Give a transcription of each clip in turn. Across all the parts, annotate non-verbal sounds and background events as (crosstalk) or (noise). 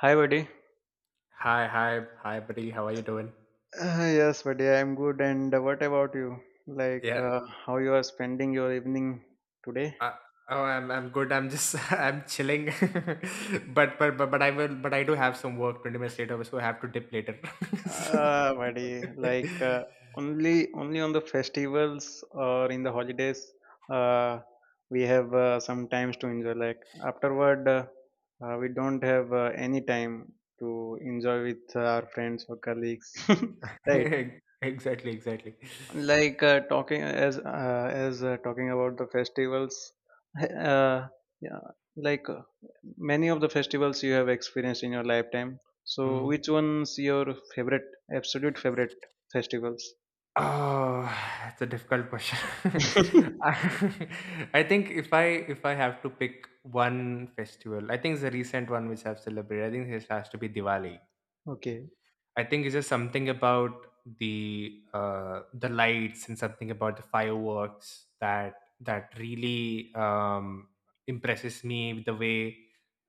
Hi, buddy. Hi, hi, hi, buddy. How are you doing? Yes, buddy, I'm good. And what about you? Like, Yeah. uh, how you are spending your evening today? Uh, oh, I'm good. I'm just (laughs) I'm chilling. (laughs) But I do have some work 20 minutes later, so I have to dip later. (laughs) So- Buddy, (laughs) only on the festivals or in the holidays, uh, we have some times to enjoy. Like afterward, we don't have any time to enjoy with our friends or colleagues, (laughs) right? exactly, exactly. Talking as talking about the festivals. (laughs) uh, yeah like uh, Many of the festivals you have experienced in your lifetime, so Mm. which one's your favorite, absolute favorite festivals? Oh, (sighs) it's a difficult question. (laughs) (laughs) I (laughs) I think if I have to pick one festival, I think it's a recent one which I've celebrated. I think it has to be Diwali. Okay. I think it's just something about the lights and something about the fireworks that really impresses me with the way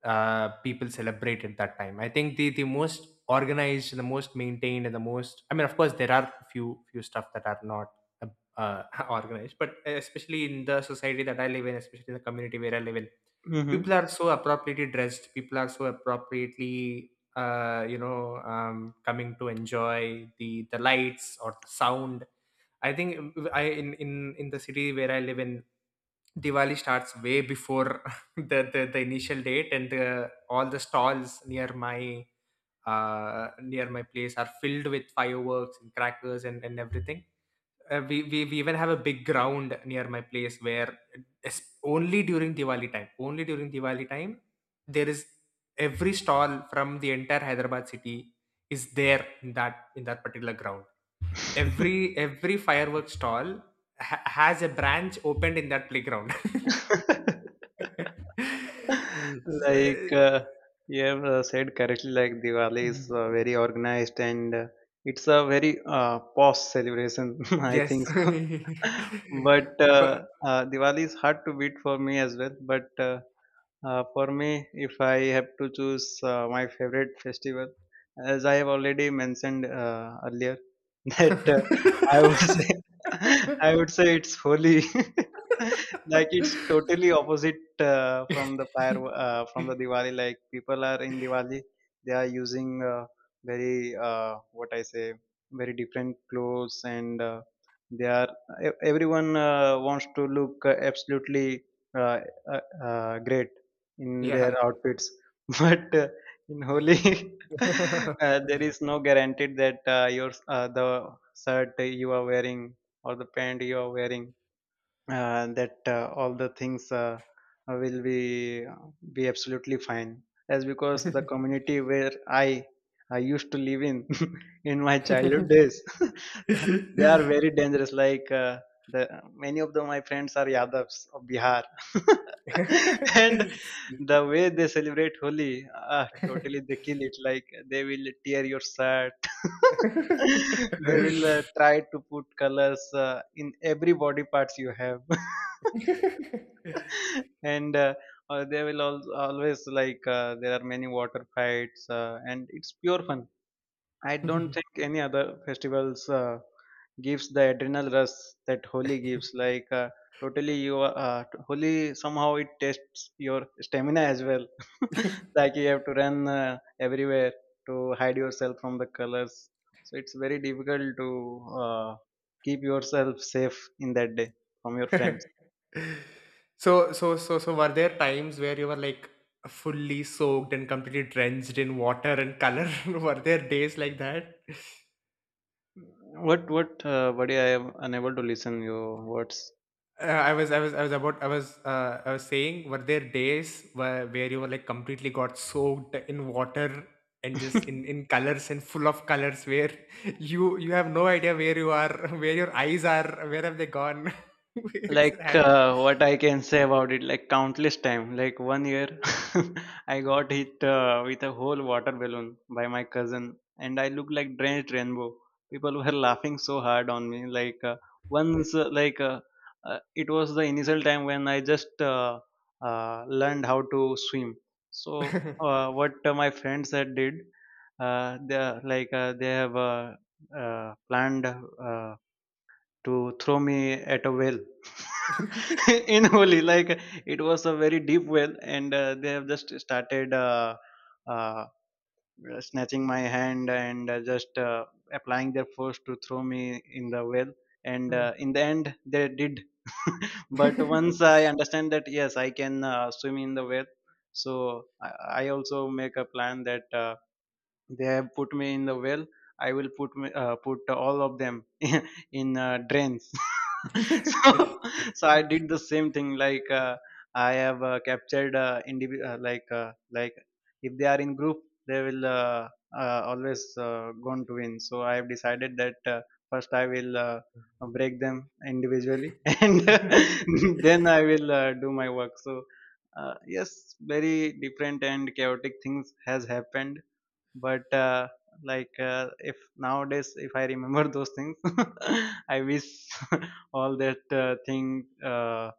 people celebrate at that time. I think the most organized, the most maintained, and the most, I mean, of course, there are few stuff that are not uh, uh, (laughs) organized, but especially in the society that I live in, especially in the community where I live in, people Mm-hmm. are so appropriately dressed. People are so appropriately coming to enjoy the lights or the sound. I think, in the city where I live in, Diwali starts way before (laughs) the initial date, and the all the stalls near my place are filled with fireworks and crackers and everything. We even have a big ground near my place where es- only during Diwali time, there is every stall from the entire Hyderabad city, is there in that particular ground. Every fireworks stall has a branch opened in that playground. (laughs) (laughs) So, Like uh, you have said correctly, like Diwali is Mm. Very organized, and it's a very posh celebration, (laughs) I Yes. think so. (laughs) But (laughs) But. Diwali is hard to beat for me as well. But for me, if I have to choose my favorite festival, as I have already mentioned earlier, (laughs) That I would say, (laughs) I would (laughs) say it's holy. (laughs) Like it's totally opposite from the Diwali. Like people are in Diwali, they are using very very different clothes, and they are everyone wants to look absolutely uh, uh, great in their Yeah. outfits. (laughs) But in Holi, (laughs) (laughs) (laughs) there is no guaranteed that your the shirt you are wearing or the pant you are wearing, that all the things will be absolutely fine, as because the community where I used to live in (laughs) in my childhood days, (laughs) they are very dangerous. Like the Many of my friends are Yadavs of Bihar, (laughs) and the way they celebrate Holi, totally they kill it. Like they will tear your shirt, (laughs) they will try to put colors in every body parts you have. (laughs) And they will always, there are many water fights, and it's pure fun. I don't think any other festivals gives the adrenal rush that Holi gives. Totally, Holi somehow it tests your stamina as well. (laughs) Like you have to run everywhere to hide yourself from the colors. So it's very difficult to keep yourself safe in that day from your friends. So, were there times where you were like fully soaked and completely drenched in water and color? (laughs) Were there days like that? What buddy? I am unable to listen your words. I was about, I was saying, were there days where you were like completely got soaked in water and just in, (laughs) in colors and full of colors where (laughs) you have no idea where you are, (laughs) where your eyes are, where have they gone? (laughs) Where is your hand? What I can say about it, like countless time. Like one year (laughs) I got hit with a whole water balloon by my cousin, and I looked like drenched rainbow. People (laughs) were laughing so hard on me. Like once like It was the initial time when I just learned how to swim. So (laughs) what my friends had did, they like they have planned to throw me at a well (laughs) in Holi. Like it was a very deep well, and they have just started uh, snatching my hand and just applying their force to throw me in the well. And Hmm. In the end, they did. (laughs) But once I understand that yes, I can swim in the well, so I also make a plan that. They have put me in the well, I will put all of them (laughs) in drains. (laughs) So so I did the same thing. I have captured like if they are in group, they will always going to win. So I have decided that first I will break them individually, (laughs) and (laughs) then I will do my work. So yes, very different and chaotic things has happened. But if nowadays if I remember those things, (laughs) I wish (laughs) all that thing,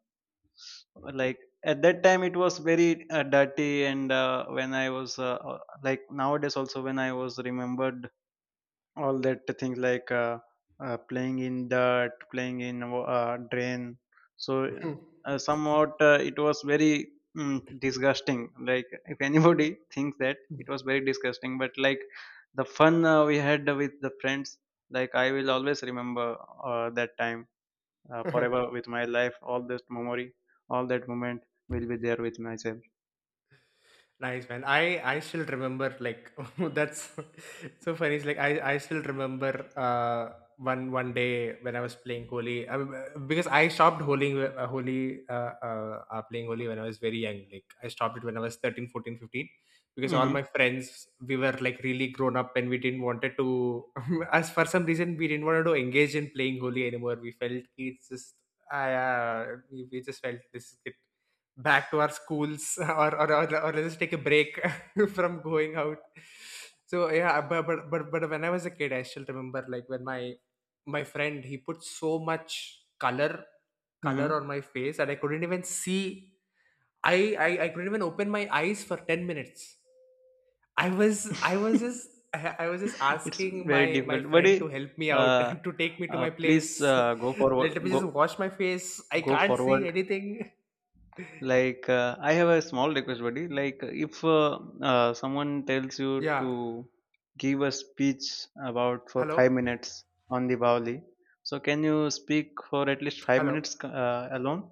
like at that time it was very dirty, and when I was like nowadays also when I was remembered all that things, playing in dirt, playing in drain. So somewhat it was very disgusting. Like if anybody (laughs) thinks that it was very disgusting, but like the fun we had with the friends, like I will always remember that time (laughs) (laughs) (laughs) forever with my life. All this memory, all that moment will be there with myself. Nice, man. I still remember, like, (laughs) that's (laughs) so funny. It's like I still remember one day when I was playing Holi. I mean, because I stopped holding Holi playing Holi when I was very young. Like I stopped it when I was 13, 14, 15. Because all my Mm-hmm. friends, we were like really grown up, and we didn't wanted to, (laughs) as for some reason we didn't wanted to engage in playing Holi anymore. We felt it's just, we just felt this, back to our schools. (laughs) Or let's take a break. (laughs) From going out, so yeah, but when I was a kid, I still remember, like, when my friend, he put so much color on my face that I couldn't even see. I couldn't even open my eyes for 10 minutes. i was i was just Mm-hmm. I I was just (laughs) (laughs) It's asking my very my difficult, friend buddy. to help me out Uh, (laughs) to take me to my place. Please go (laughs) Let forward. me Go just wash my face. I go can't see forward. anything. (laughs) I have a small request, buddy. Like if someone tells you Yeah. to give a speech about for Hello? 5 minutes on the Diwali, so can you speak for at least five Hello. minutes alone?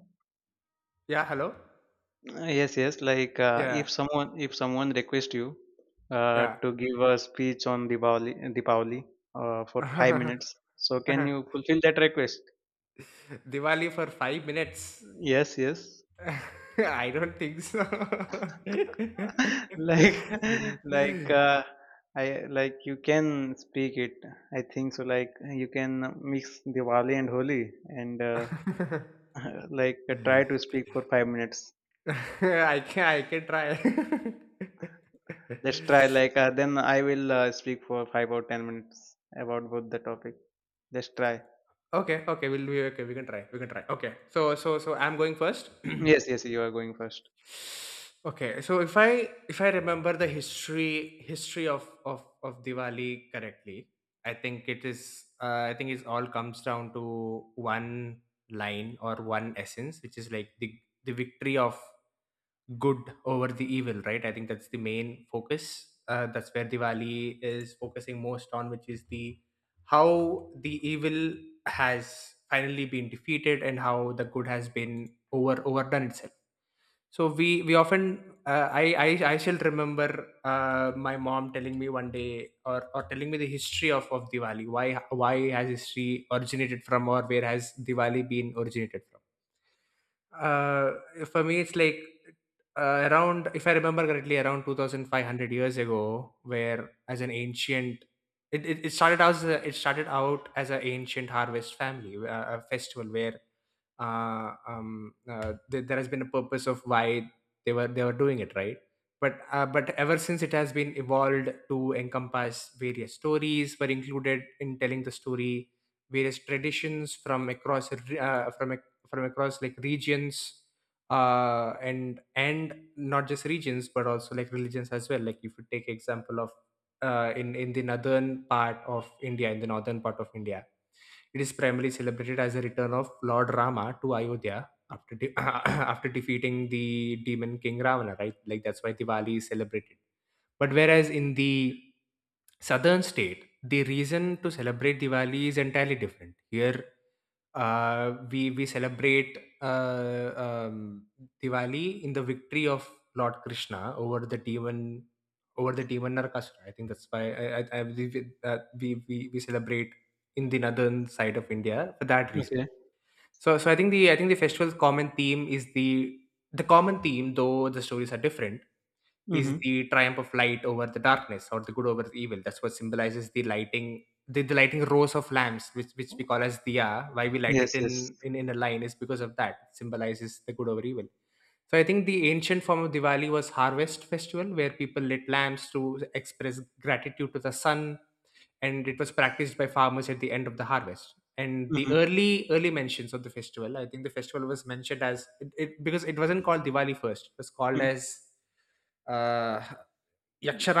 Yeah, hello. Yes, yes, Yeah, if someone requests you yeah. to give a speech on Diwali for 5 (laughs) minutes, so can you fulfill that request? Diwali for 5 minutes. Yes, yes. (laughs) I don't think so. (laughs) (laughs) Like (laughs) like I like you can speak it. I think so. Like you can mix Diwali and Holi, and I (laughs) try to speak for 5 minutes. I can try. (laughs) Let's try. Then I will speak for 5 or 10 minutes about both the topic. Let's try. Okay, okay, we'll do. Okay, we can try. We can try. Okay. So, I'm going first. (clears throat) Yes, yes, you are going first. Okay, so if I remember the history of Diwali correctly, I think it is, I think it all comes down to one line or one essence, which is like the victory of good over the evil, right? I think that's the main focus. That's where Diwali is focusing most on, which is the how the evil has finally been defeated and how the good has been overdone itself. So we often, I shall remember, my mom telling me one day, or telling me the history of Diwali. Why has history originated from, or where has Diwali been originated from? For me, it's like, around, if I remember correctly, around two thousand five hundred years ago, where as an ancient. It started out as an ancient harvest family, a festival where there has been a purpose of why they were doing it, right? But ever since, it has been evolved to encompass various stories were included in telling the story, various traditions from across re- from ac- from across, like, regions, and not just regions but also like religions as well. Like, if you take example of, in the northern part of India, it is primarily celebrated as the return of Lord Rama to Ayodhya after (coughs) (clears throat) after defeating the demon king Ravana, right? Like, that's why Diwali is celebrated. But whereas in the southern state, the reason to celebrate Diwali is entirely different. Here, we celebrate, Diwali, in the victory of Lord Krishna over the demon, Narakasura. I think that's why I believe it, that we celebrate in the northern side of India for that reason. Okay. So, I think the, festival's common theme is the common theme, though the stories are different, is Mm-hmm. the triumph of light over the darkness or the good over the evil. That's what symbolizes the lighting, the lighting rows of lamps, which we call as diya. Why we light it Yes, yes. in a line is because of that. It symbolizes the good over evil. So I think the ancient form of Diwali was harvest festival where people lit lamps to express gratitude to the sun, and it was practiced by farmers at the end of the harvest. And the Mm-hmm. early mentions of the festival, I think the festival was mentioned as, because it wasn't called Diwali first. It was called as uh,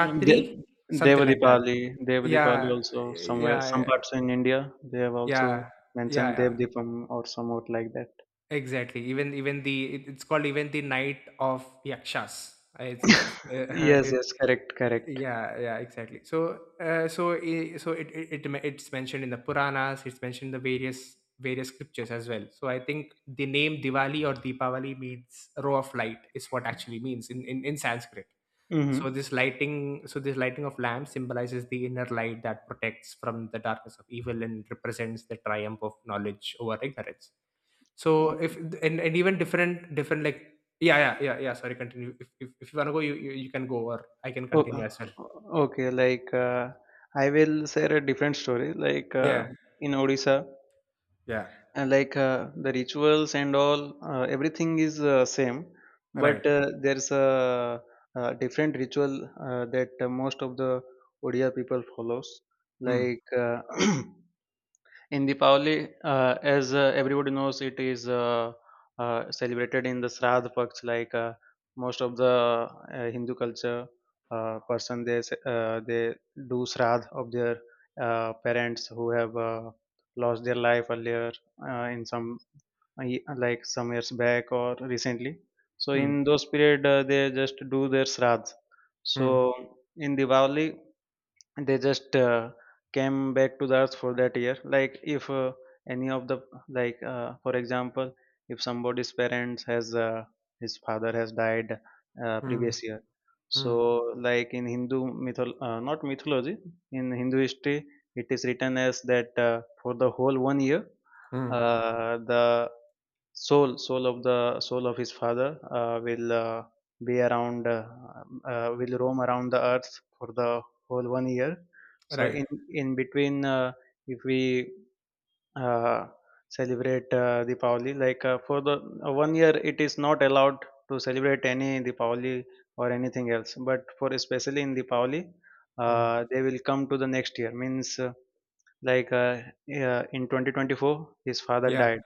Mm, De- something like that. Devadipali, Devadipali Yeah, also, somewhere some yeah, parts in India, they have also yeah, yeah, mentioned yeah. Devadipam or somewhat like that. Exactly. Even it's called even the night of yakshas. (laughs) Yes, yes, correct, (laughs) correct. yeah, yeah, exactly. So, it's mentioned in the Puranas. It's mentioned in the various scriptures as well. So I think the name Diwali or Deepavali means row of light is what actually means in Sanskrit. So Mm-hmm. this lighting, so this lighting of lamps symbolizes the inner light that protects from the darkness of evil and represents the triumph of knowledge over ignorance. So Okay. if and even different, like, yeah, yeah, yeah, yeah, sorry, continue. If you wanna go, you can go, or I can O- uh, continue as well. okay, I will share a different story. Yeah, In Odisha, yeah, and the rituals and all everything is same, right. but different ritual that most of the Odia people follows. Hmm, like uh, (clears throat) In Deepavali, as everybody knows, it is celebrated in the Shraddha Paksh. Most of the Hindu culture person, they do Shraddha of their parents who have lost their life earlier in some like some years back or recently. So hmm, in those period, they just do their Shraddha. hmm, So in Diwali, they just came back to the earth for that year. Like If any of the for example if somebody's parents has his father has died hmm, previous year, hmm, so in Hindu mythol not mythology, in Hindu history, it is written as that for the whole 1 year, hmm, the soul soul of the soul of his father will be around, will roam around the earth for the whole 1 year. So right. in in between, if we uh, celebrate Deepavali, for the 1 year, it is not allowed to celebrate any Deepavali or anything else. But for especially in Deepavali, Hmm. They will come to the next year. Means like uh, in 2024, his father Yeah, died,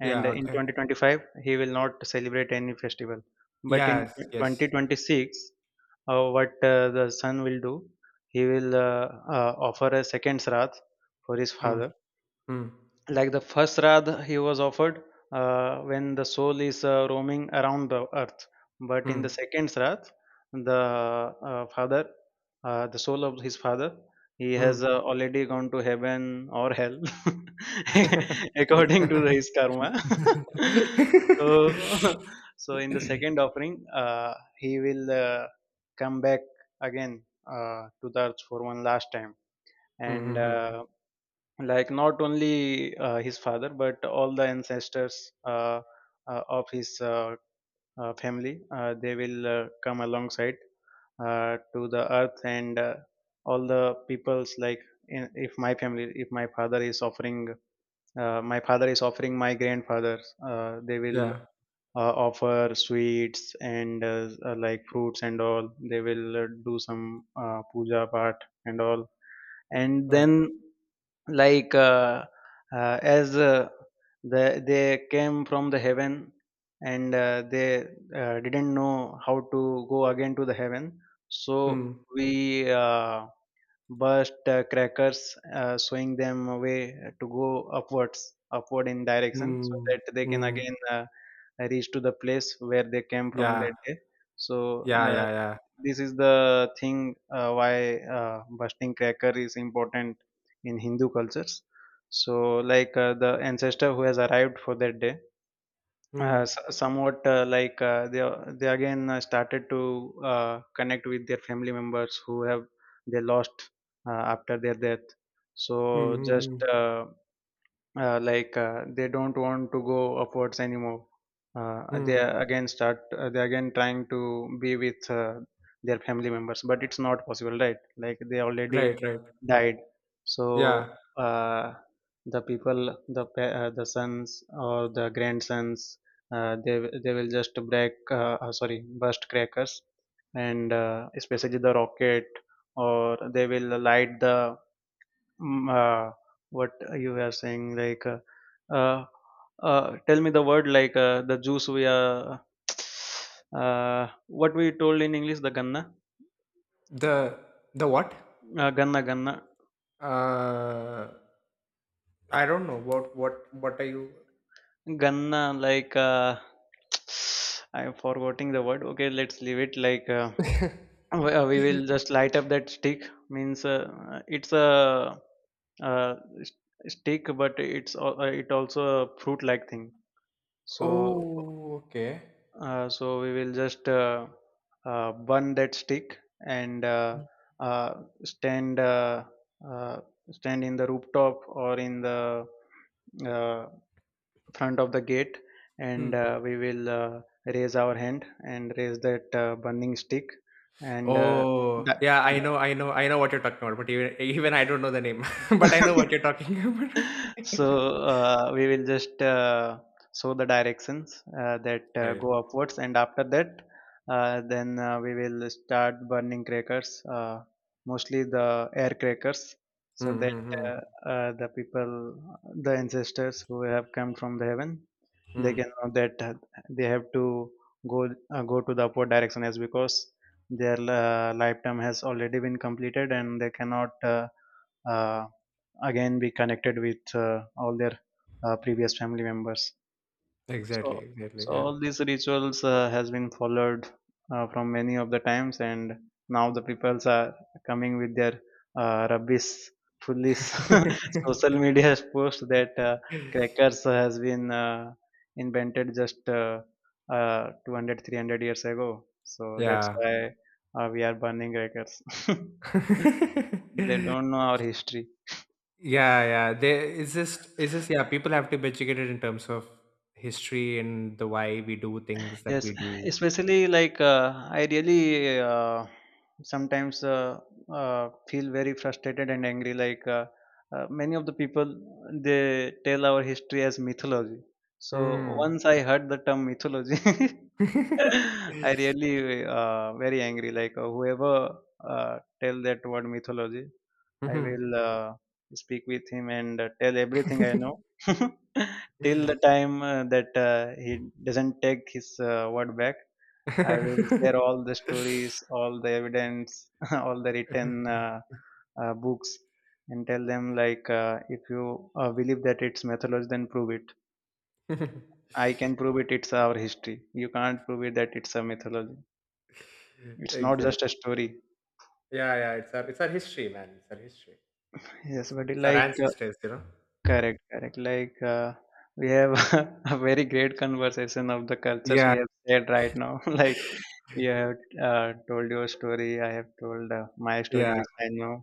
and yeah, in okay. 2025, he will not celebrate any festival. But in Yes, yes. 2026, what the son will do, he will offer a second sraddha for his Hmm, father. hmm, Like the first radha he was offered when the soul is roaming around the earth, but in the hmm, second sraddh, the uh, father the soul of his father, he has already gone to heaven or hell hmm. (laughs) according to his karma. (laughs) So (laughs) (laughs) so in the second offering, uh, he will come back again to the earth for one last time. Mhm, And mhm. Like not only his father, but all the ancestors of his family, they will come alongside to the earth. And all the peoples, if my family, if my father is offering, my father is offering my grandfather, they will Yeah, offer sweets and like fruits and all. They will do some puja part and all. And right. then like as they came from the heaven, and they didn't know how to go again to the heaven. So Mm, we burst crackers showing them a way to go upwards, upward in direction, so mm, that they can mm. again reach to the place where they came from Yeah, that day. So yeah, yeah, yeah. this is the thing why busting cracker is important in Hindu cultures. So, like the ancestor who has arrived for that day, Mm, somewhat they again started to connect with their family members who have they lost after their death. mm, So, mm, just mm, they don't want to go upwards anymore. They mm. again start they again trying to be with their family members, but it's not possible, right? Like they already Right, right. died, so Yeah. uh, the people, the sons or the grandsons, they will just break, sorry, burst crackers, and especially the rocket, or they will light the Mm, uh, what you were saying, uh, tell me the word, the juice we are, (tsk) what we told in English, the ganna, The the what? Ganna, ganna, Uh, I don't know. What are you? ganna, like, (tsk) I'm forgetting the word. Okay, let's leave it. (laughs) We will just light up that stick. Means, it's a uh, s- stick, but it also a fruit-like thing. So Oh, okay. so we will just burn that stick and uh, stand uh, stand in the rooftop or in the uh, front of the gate, Hmm. and we will raise our hand and raise that burning stick and Oh, that. yeah. I know, I know, I know what you're talking about. But even I don't know the name. (laughs) But I know what you're (laughs) talking about. (laughs) (laughs) So we will just show the directions that Right. go upwards, and after that, then we will start burning crackers, mostly the air crackers, Mm, so that uh, mm, the people, the ancestors who have come from the heaven, mm, they mm. can know that they have to go go to the upward direction as because their lifetime has already been completed and they cannot. Uh, again be connected with all their previous family members Exactly, so exactly. so Yeah. all these rituals has been followed from many of the times, and now the peoples are coming with their rubbish foolish (laughs) (laughs) social media has post that crackers has been invented just 200 300 years ago, so that's Yeah. why we are burning crackers. (laughs) They (laughs) don't know our history. Yeah, yeah, they it's just yeah, people have to be educated in terms of history, and the why we do things that Yes, we do. especially I really sometimes feel very frustrated and angry. Many of the people, they tell our history as mythology. So Mm. once I heard the term mythology, (laughs) (laughs) I really very angry. Whoever tell that word mythology, I will Mhm. Speak with him and tell everything I know (laughs) (laughs) till the time that he doesn't take his word back. I will share all the stories, all the evidence, (laughs) all the written books, and tell them if you believe that it's mythology, then prove it. I can prove it. It's our history. You can't prove it that it's a mythology. It's not just a Exactly. story. Yeah, yeah, it's our history, man. It's our history. Yes, it's but it's our ancestors. correct, correct. We have (laughs) a very great conversation of the cultures Yeah. we have shared right now. (laughs) Like (laughs) you have told your story, I have told my story, Yeah, which I know.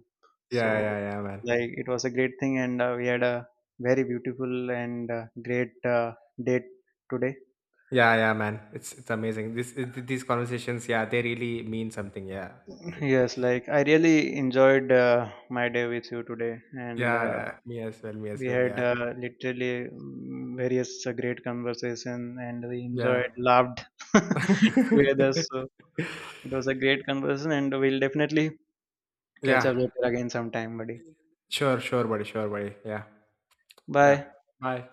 yeah, So, yeah, yeah, man. like it was a great thing, and we had a very beautiful and great date today. (laughs) Yeah, yeah, man. It's amazing. These conversations, yeah, they really mean something. Yeah, (laughs) Yes, like I really enjoyed my day with you today, and. yeah, Uh, yeah. Me as well. Me as we well. had Yeah, literally various great conversation, and we yeah, enjoyed, laughed (laughs) together, so (laughs) it was a great conversation, and we'll definitely catch yeah. up later again sometime, buddy. Sure, sure, buddy. Sure, buddy. Yeah, yeah. Bye. Bye.